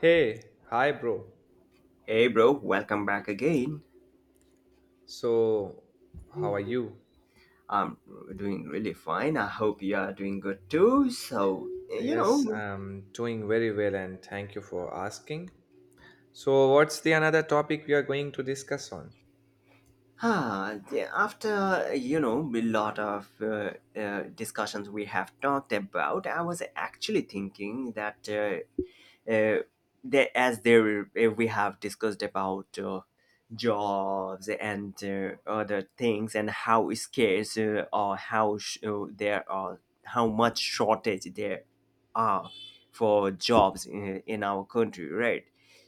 Hey, hi, bro. Hey, bro, welcome back again. So, how are you? I'm doing really fine. I hope you are doing good too. Yes, I'm doing very well and thank you for asking. So, what's the another topic we are going to discuss on? After a lot of discussions we have talked about, I was actually thinking that. uh, as there we have discussed about jobs and other things and how scarce or how sh- there are how much shortage there are for jobs in our country, right?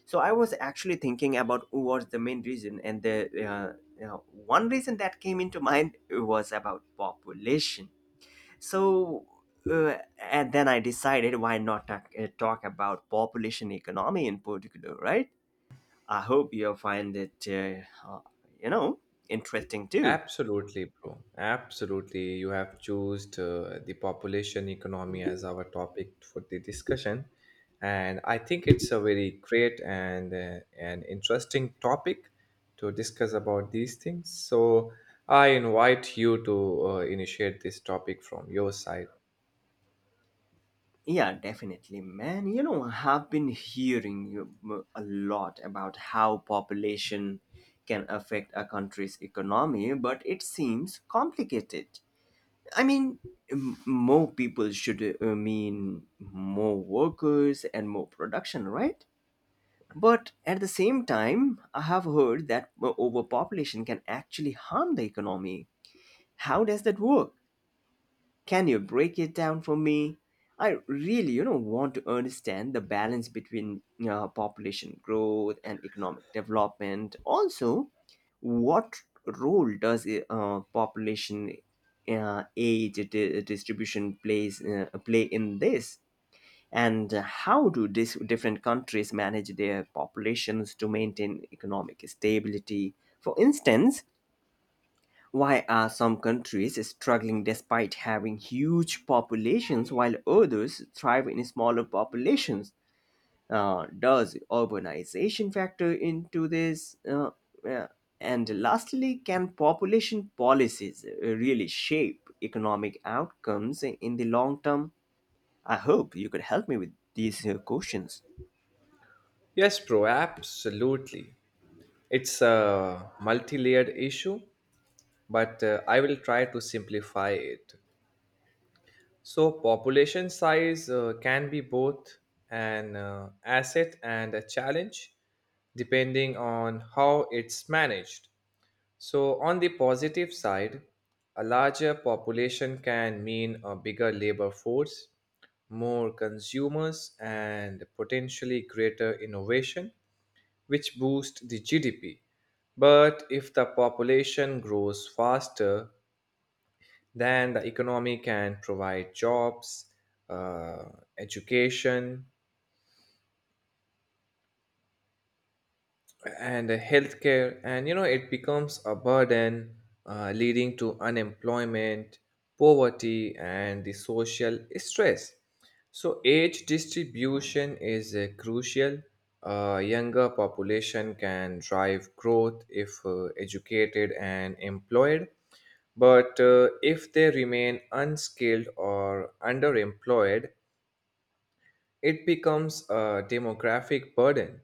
So I was actually thinking about what's the main reason, and one reason that came into mind was about population. So and then I decided, why not talk about population economy in particular, right? I hope you'll find it, you know, interesting too. Absolutely, bro. Absolutely. You have chosen the population economy as our topic for the discussion. And I think it's a very great and an interesting topic to discuss about these things. So I invite you to initiate this topic from your side. Yeah, definitely, man. You know, I have been hearing a lot about how population can affect a country's economy, but it seems complicated. I mean, more people should mean more workers and more production, right? But at the same time, I have heard that overpopulation can actually harm the economy. How does that work? Can you break it down for me? I really, you know, want to understand the balance between population growth and economic development. Also, what role does population age distribution play in this? And how do different countries manage their populations to maintain economic stability? For instance, why are some countries struggling despite having huge populations while others thrive in smaller populations? Does urbanization factor into this? Uh, and lastly, can population policies really shape economic outcomes in the long term? I hope you could help me with these questions. Yes, bro. Absolutely. It's a multi layered issue, but I will try to simplify it. So, population size can be both an asset and a challenge depending on how it's managed. So, on the positive side, a larger population can mean a bigger labor force, more consumers, and potentially greater innovation, which boost the GDP. But if the population grows faster then the economy can provide jobs, uh, education, and healthcare, and you know it becomes a burden, leading to unemployment, poverty, and the social stress. So age distribution is crucial. A younger population can drive growth if educated and employed, but if they remain unskilled or underemployed, it becomes a demographic burden.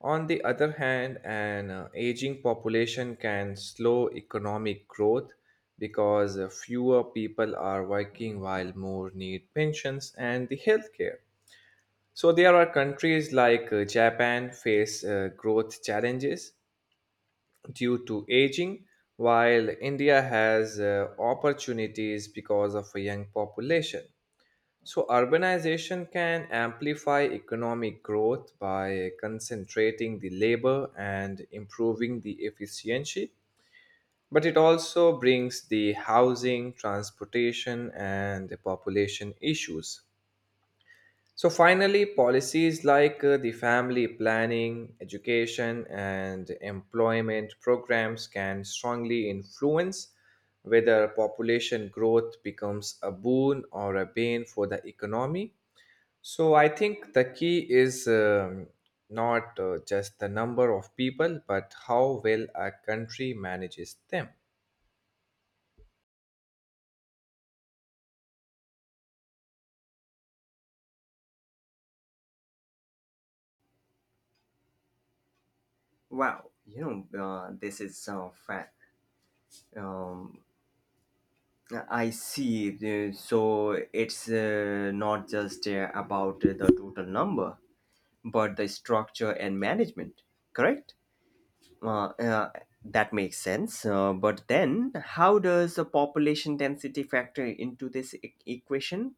On the other hand, an aging population can slow economic growth because fewer people are working while more need pensions and the healthcare. So there are countries like Japan face growth challenges due to aging, while India has opportunities because of a young population. So, urbanization can amplify economic growth by concentrating the labor and improving the efficiency, but it also brings the housing, transportation, and the population issues. So, finally, policies like the family planning, education, and employment programs can strongly influence whether population growth becomes a boon or a bane for the economy. So I think the key is not just the number of people, but how well a country manages them. Wow, you know, this is fact. Um, I see. So it's not just about the total number, but the structure and management, correct? Uh, uh, that makes sense. But then, how does the population density factor into this equation?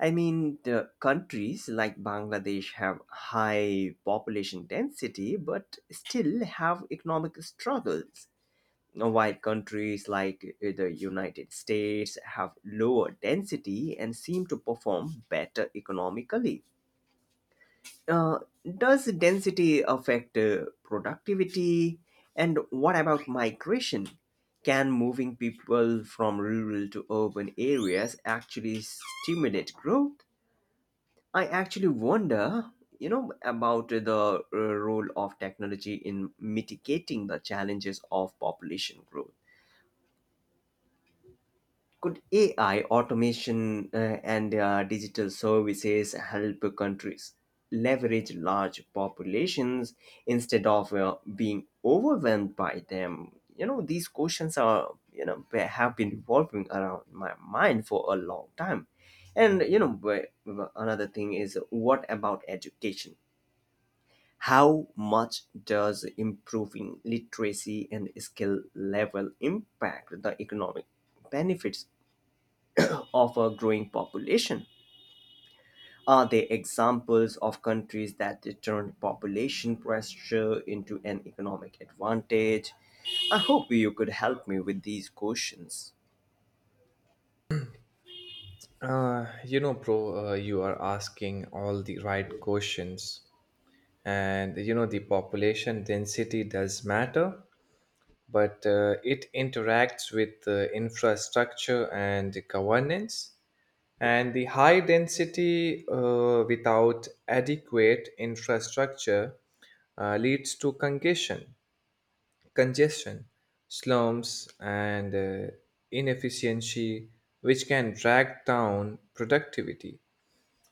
I mean, the countries like Bangladesh have high population density, but still have economic struggles. While countries like the United States have lower density and seem to perform better economically, uh, does density affect productivity? And what about migration? Can moving people from rural to urban areas actually stimulate growth? I actually wonder, you know, about the role of technology in mitigating the challenges of population growth. Could AI, automation, and digital services help countries leverage large populations instead of being overwhelmed by them? You know, these questions are, you know, they have been revolving around my mind for a long time. And, you know, but another thing is, what about education? How much does improving literacy and skill level impact the economic benefits of a growing population? Are they examples of countries that turned population pressure into an economic advantage? I hope you could help me with these questions. You know, bro, you are asking all the right questions, and you know the population density does matter, but it interacts with the infrastructure and governance. And the high density without adequate infrastructure leads to congestion, congestion, slums, and uh, inefficiency, which can drag down productivity.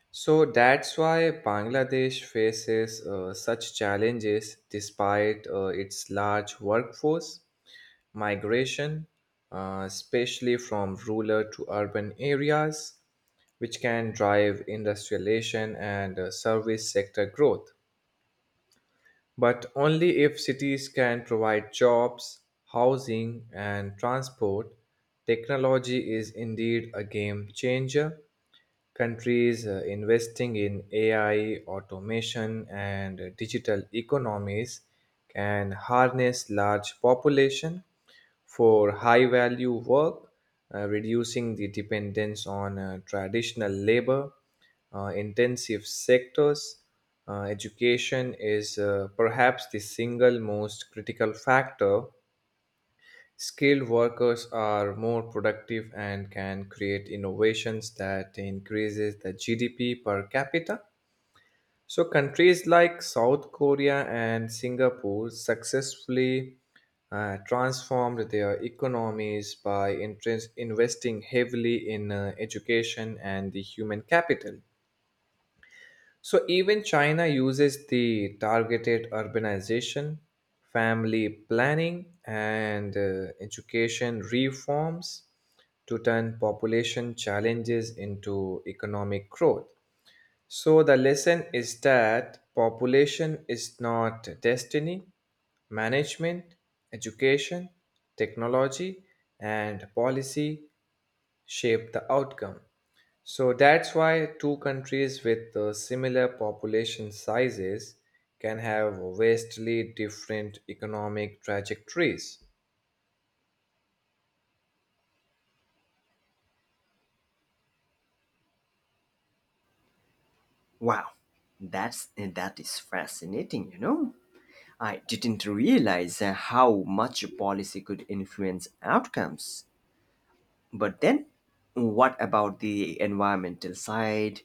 So that's why Bangladesh faces such challenges despite its large workforce migration, especially from rural to urban areas, which can drive industrialization and service sector growth. But only if cities can provide jobs, housing, and transport, technology is indeed a game changer. Countries investing in AI, automation, and digital economies can harness large population for high value work, reducing the dependence on traditional labor intensive sectors. Education is perhaps the single most critical factor. Skilled workers are more productive and can create innovations that increases the GDP per capita. So countries like South Korea and Singapore successfully transformed their economies by investing heavily in education and the human capital. So even China uses the targeted urbanization, family planning, and education reforms to turn population challenges into economic growth. So the lesson is that population is not destiny, management, education, technology, and policy shape the outcome. So that's why two countries with similar population sizes can have vastly different economic trajectories. Wow, that is fascinating, you know. I didn't realize how much a policy could influence outcomes. But then, what about the environmental side?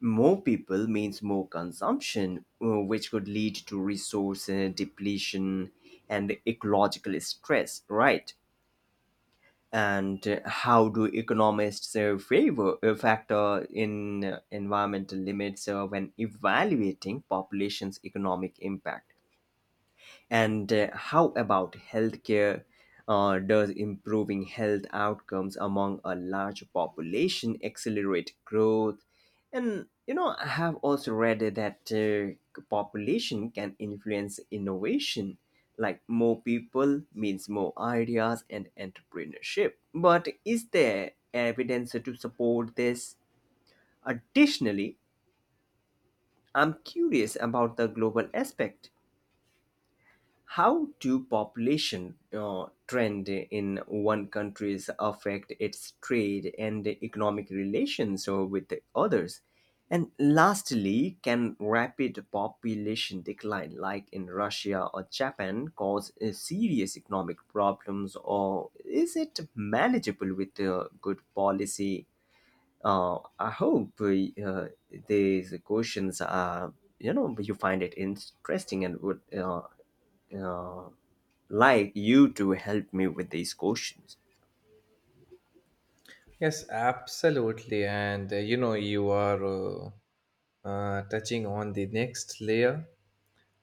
More people means more consumption, which could lead to resource depletion and ecological stress, right? And how do economists favor factor in environmental limits when evaluating population's economic impact? And how about healthcare? Does improving health outcomes among a large population accelerate growth? And you know, I have also read that population can influence innovation. Like, more people means more ideas and entrepreneurship. But is there evidence to support this? Additionally, I'm curious about the global aspect. How do population trend in one country affect its trade and economic relations with the others? And lastly, can rapid population decline, like in Russia or Japan, cause serious economic problems, or is it manageable with good policy? I hope these questions are, you know, you find it interesting and would uh, like you to help me with these questions. Yes, absolutely. And you know, you are touching on the next layer.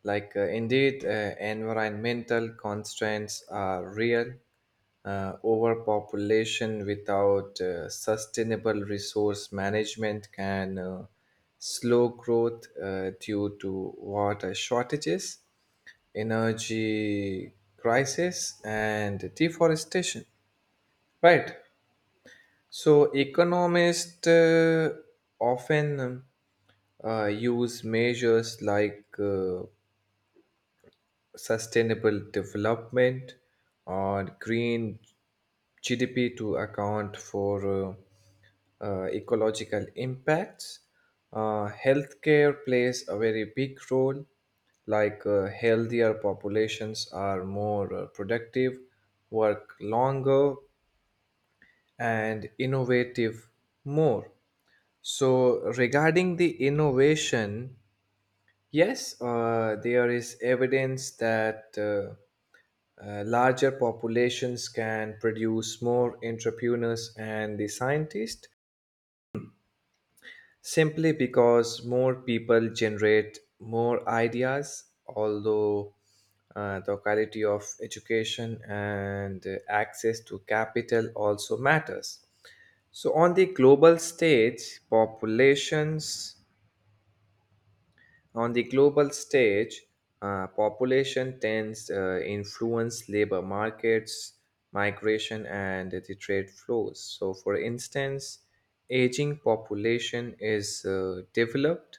Like, indeed, environmental constraints are real. Overpopulation without sustainable resource management can slow growth due to water shortages, energy crisis, and deforestation. Right. So, economists often use measures like sustainable development or green GDP to account for ecological impacts. Healthcare plays a very big role, like healthier populations are more productive, work longer, and innovative more. So, regarding the innovation, yes, there is evidence that larger populations can produce more entrepreneurs and the scientists simply because more people generate more ideas, although the quality of education and access to capital also matters. So on the global stage, population tends influence labor markets, migration, and the trade flows. So, for instance, aging population is developed,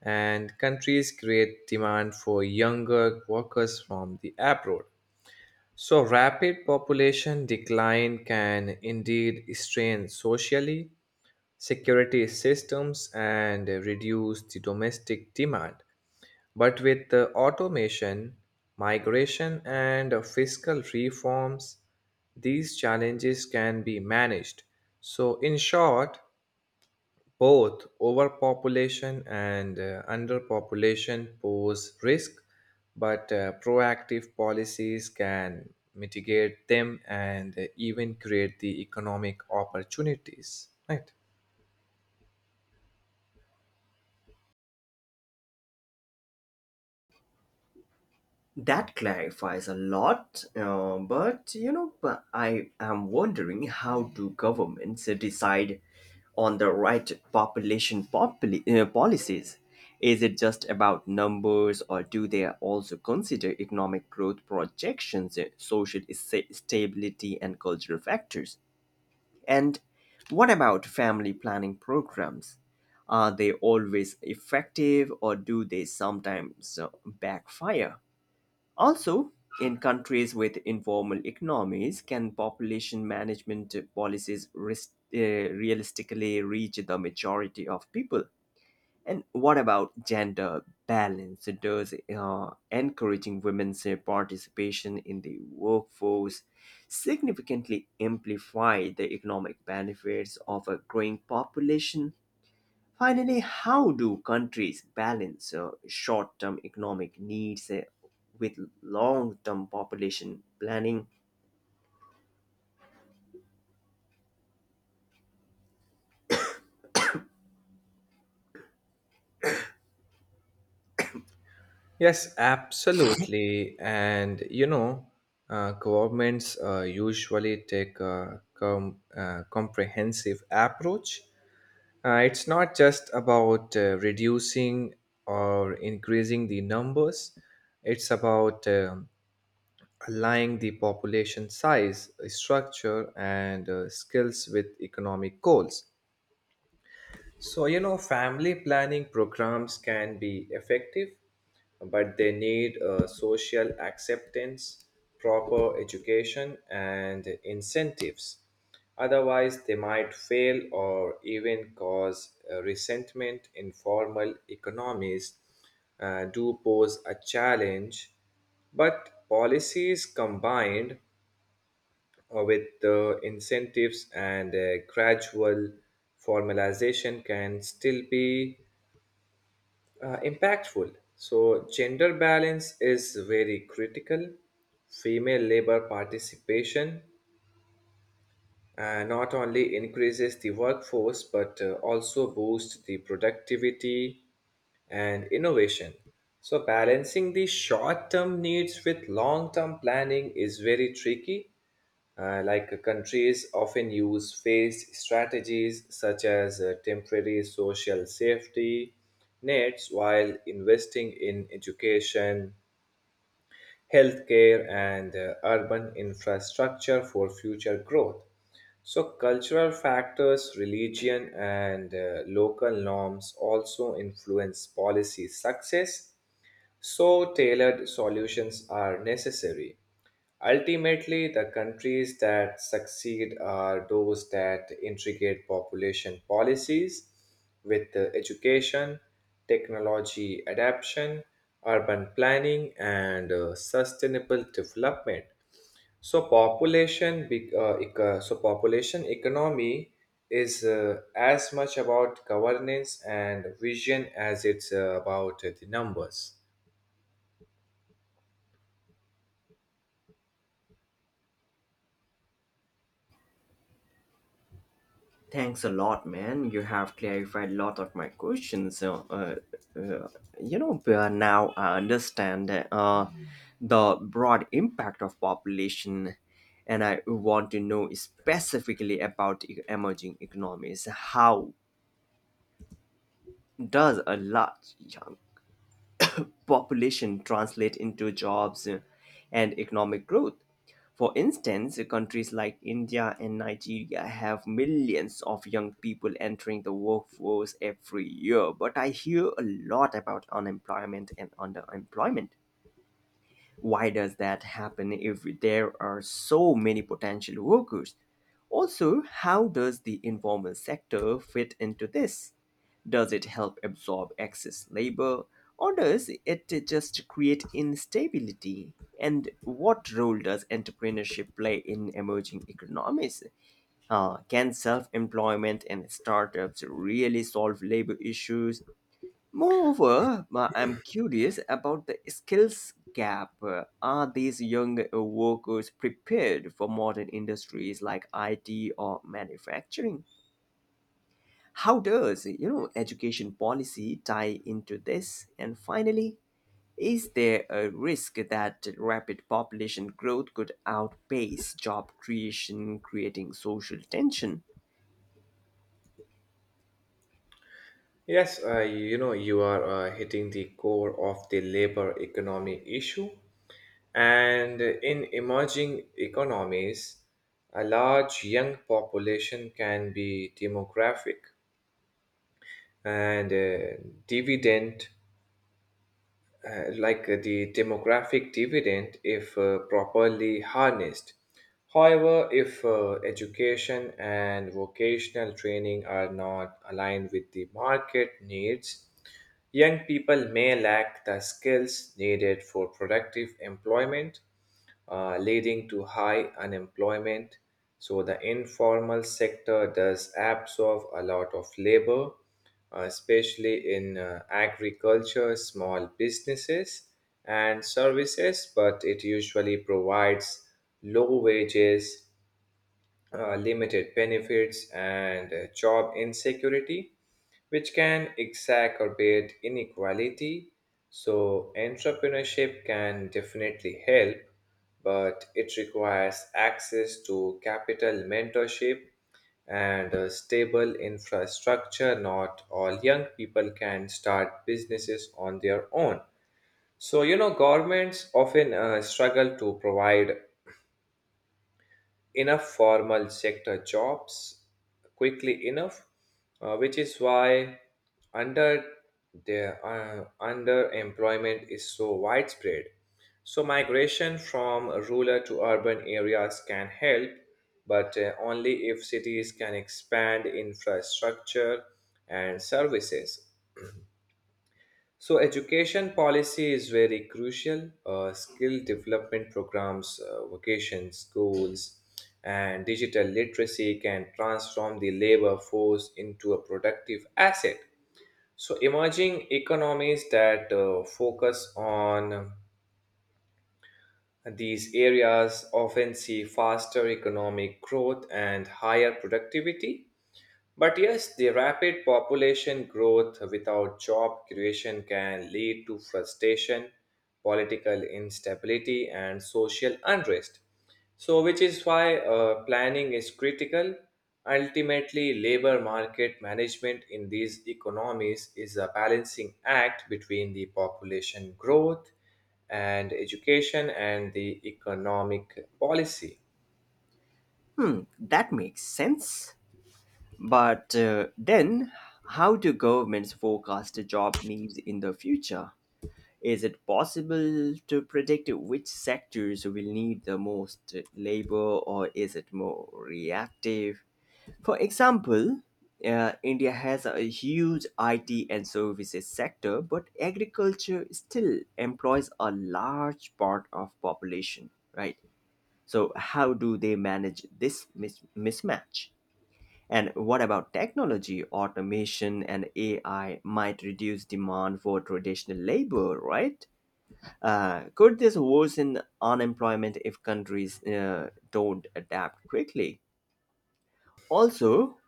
and countries create demand for younger workers from the abroad. So, rapid population decline can indeed strain socially security systems and reduce the domestic demand. But with the automation, migration, and fiscal reforms, these challenges can be managed. So, in short, both overpopulation and underpopulation pose risk, but proactive policies can mitigate them and even create the economic opportunities. Right. That clarifies a lot, but you know, but I am wondering, how do governments decide on the right policies? Is it just about numbers, or do they also consider economic growth projections, social stability, and cultural factors? And what about family planning programs? Are they always effective, or do they sometimes backfire? Also, in countries with informal economies, can population management policies uh, realistically reach the majority of people? And what about gender balance? Does encouraging women's participation in the workforce significantly amplify the economic benefits of a growing population? Finally, how do countries balance short term economic needs with long term population planning? Yes, absolutely. And you know, governments usually take a comprehensive approach. It's not just about reducing or increasing the numbers, it's about aligning the population size, structure, and skills with economic goals. So, you know, family planning programs can be effective, but they need social acceptance, proper education, and incentives. Otherwise, they might fail or even cause resentment. Informal economies, do pose a challenge. But policies combined with incentives and gradual formalization can still be impactful. So, gender balance is very critical. Female labor participation not only increases the workforce but also boosts the productivity and innovation. So, balancing the short term needs with long term planning is very tricky. Like countries often use phased strategies such as temporary social safety nets while investing in education, healthcare, and urban infrastructure for future growth. So, cultural factors, religion, and local norms also influence policy success, so tailored solutions are necessary. Ultimately, the countries that succeed are those that integrate population policies with the education, technology adaptation, urban planning, and sustainable development. So so population economy is as much about governance and vision as it's about the numbers. Thanks a lot, man. You have clarified a lot of my questions. Uh, Now I understand the broad impact of population, and I want to know specifically about emerging economies. How does a large young population translate into jobs and economic growth? For instance, countries like India and Nigeria have millions of young people entering the workforce every year, but I hear a lot about unemployment and underemployment. Why does that happen if there are so many potential workers? Also, how does the informal sector fit into this? Does it help absorb excess labor, or does it just create instability? And what role does entrepreneurship play in emerging economies? Can self employment and startups really solve labor issues? Moreover, I'm curious about the skills gap. Are these young workers prepared for modern industries like IT or manufacturing? How does, you know, education policy tie into this? And finally, is there a risk that rapid population growth could outpace job creation, creating social tension? Yes, you know, you are hitting the core of the labor economy issue. And in emerging economies, a large young population can be demographic and dividend like the demographic dividend if properly harnessed. However, if education and vocational training are not aligned with the market needs, young people may lack the skills needed for productive employment, leading to high unemployment. So, the informal sector does absorb a lot of labor especially in agriculture, small businesses, and services, but it usually provides low wages, limited benefits, and job insecurity, which can exacerbate inequality. So, entrepreneurship can definitely help, but it requires access to capital mentorship and a stable infrastructure. Not all young people can start businesses on their own. So, you know, governments often struggle to provide enough formal sector jobs quickly enough, which is why under underemployment is so widespread. So migration from rural to urban areas can help, but only if cities can expand infrastructure and services. So, education policy is very crucial. Skill development programs, vocations, schools, and digital literacy can transform the labor force into a productive asset. So, emerging economies that focus on these areas often see faster economic growth and higher productivity. But yes, the rapid population growth without job creation can lead to frustration, political instability, and social unrest. So, which is why planning is critical. Ultimately, labor market management in these economies is a balancing act between the population growth and education and the economic policy. Hmm, that makes sense. But then, how do governments forecast job needs in the future? Is it possible to predict which sectors will need the most labor, or is it more reactive? For example, India has a huge IT and services sector, but agriculture still employs a large part of population, right? So how do they manage this mismatch? And what about technology? Automation and AI might reduce demand for traditional labor, right? Could this worsen unemployment if countries don't adapt quickly? Also,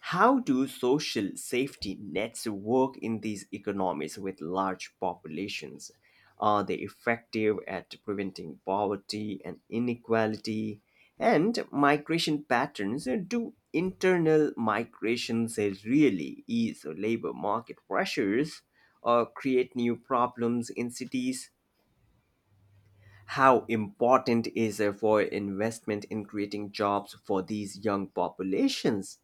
how do social safety nets work in these economies with large populations? Are they effective at preventing poverty and inequality? And migration patterns, do internal migrations really ease labor market pressures or create new problems in cities? How important is it for investment in creating jobs for these young populations?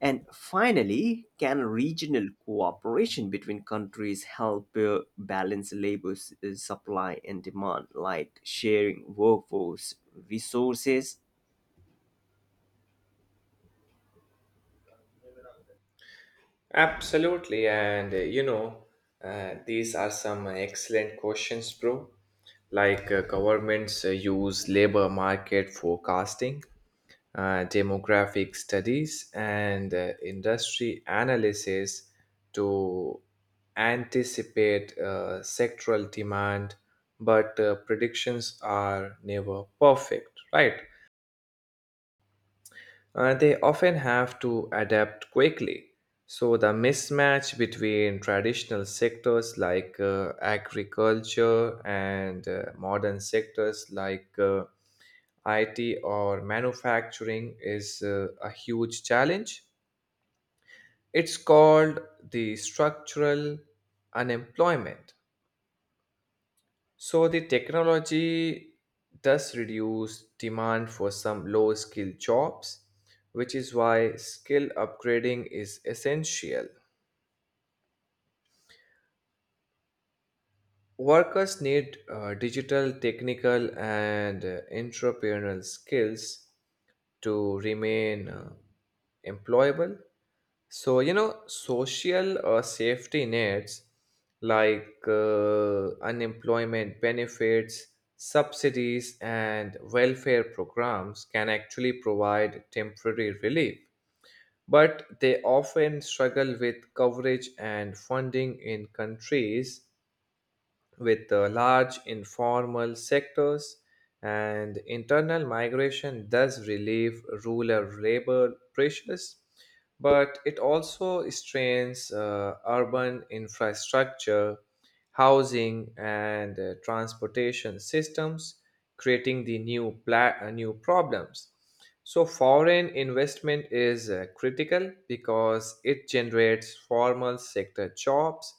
And finally, can regional cooperation between countries help balance labor supply and demand, like sharing workforce resources? Absolutely, and you know, these are some excellent questions, bro. Like governments use labor market forecasting, demographic studies, and industry analysis to anticipate sectoral demand, but predictions are never perfect, right? They often have to adapt quickly. So, the mismatch between traditional sectors like agriculture and modern sectors like IT or manufacturing is a huge challenge. It's called the structural unemployment. So the technology does reduce demand for some low skill jobs, which is why skill upgrading is essential. Workers need digital, technical, and entrepreneurial skills to remain employable. So, you know, social safety nets like unemployment benefits, subsidies, and welfare programs can actually provide temporary relief. But they often struggle with coverage and funding in countries with large informal sectors, and internal migration does relieve rural labor pressures, but it also strains urban infrastructure, housing, and transportation systems, creating the new problems. So foreign investment is critical because it generates formal sector jobs,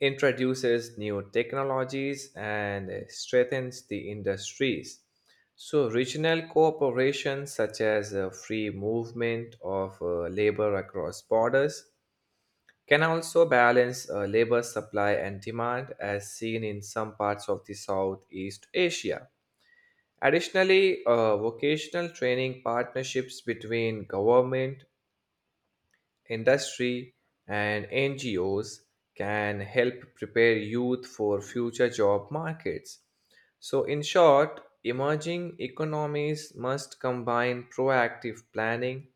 introduces new technologies, and strengthens the industries. So, regional cooperation, such as free movement of labor across borders, can also balance labor supply and demand, as seen in some parts of the Southeast Asia. Additionally, vocational training partnerships between government, industry, and NGOs can help prepare youth for future job markets. So, in short, emerging economies must combine proactive planning,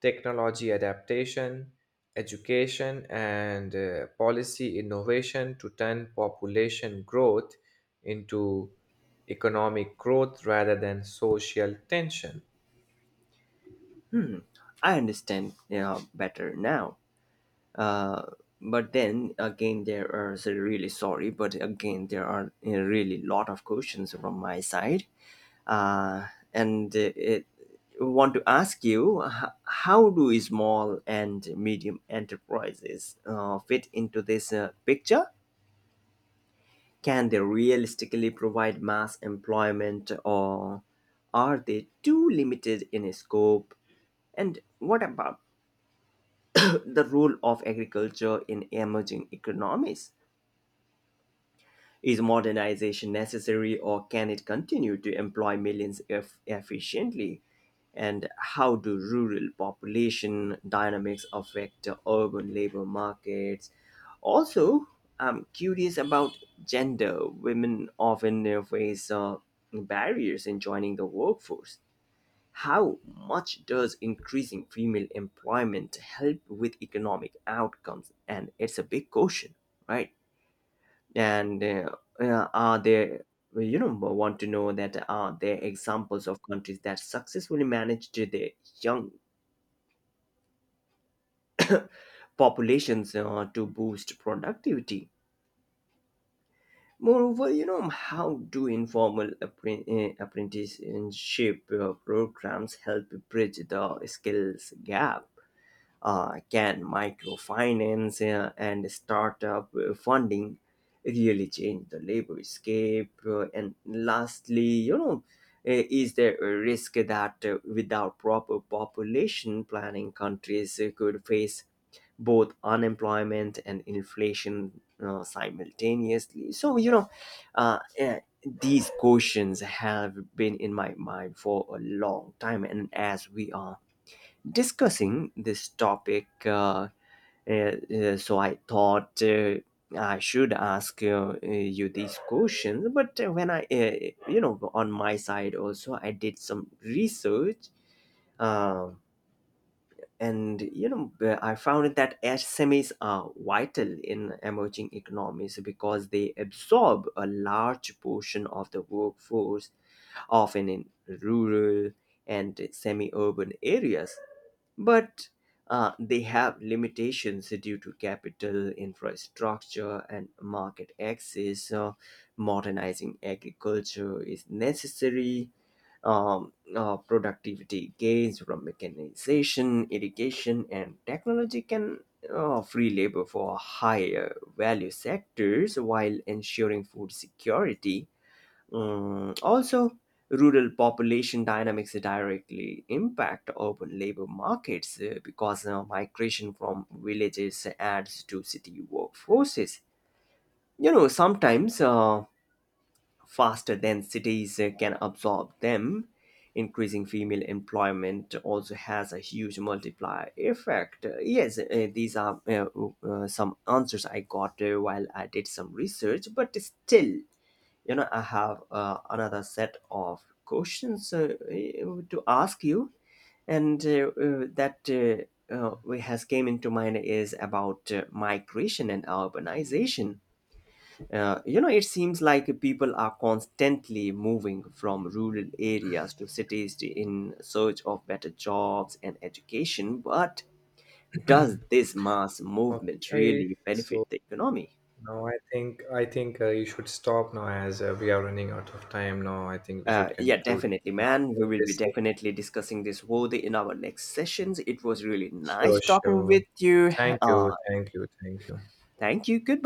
technology adaptation, education, and policy innovation to turn population growth into economic growth rather than social tension. I understand you better now. Uh, but then again, there are so, really sorry, but again, there are a really lot of questions from my side, uh, and want to ask you, how do small and medium enterprises fit into this picture? Can they realistically provide mass employment, or are they too limited in scope? And what about the role of agriculture in emerging economies? Is modernization necessary, or can it continue to employ millions if efficiently? And how do rural population dynamics affect the urban labor markets? Also, I'm curious about gender. Women often face barriers in joining the workforce. How much does increasing female employment help with economic outcomes? And it's a big question, right? and are there you know want to know, that are there examples of countries that successfully managed their young populations to boost productivity? Moreover, you know, how do informal apprenticeship programs help bridge the skills gap? Uh, can microfinance and startup funding really change the labor scape? And lastly, you know, is there a risk that without proper population planning, countries could face both unemployment and inflation simultaneously? So, you know, uh, uh, these questions have been in my mind for a long time, and as we are discussing this topic, so I thought I should ask you these questions. But when I, you know, on my side also, I did some research. Um, and you know, I found that SMEs are vital in emerging economies because they absorb a large portion of the workforce, often in rural and semi-urban areas, but they have limitations due to capital, infrastructure, and market access. Modernizing agriculture is necessary. Productivity gains from mechanization, irrigation, and technology can free labor for higher value sectors while ensuring food security. Mm, also, rural population dynamics directly impact urban labor markets because migration from villages adds to city workforces. You know, sometimes faster than cities can absorb them. Increasing female employment also has a huge multiplier effect. Yes, these are some answers I got while I did some research, but still, you know, I have another set of questions to ask you. And that We has came into mind is about migration and urbanization. Uh, you know, it seems like people are constantly moving from rural areas to cities in search of better jobs and education, but does this mass movement Okay, really so benefit the economy? no, I think you should stop now as we are running out of time now. I think we should Yeah, conclude definitely, now man. We in will be this session. definitely discussing this worthy in our next sessions. It was really Sure, nice talking sure. with you. Thank you, Uh, thank you, thank you. thank you. Good.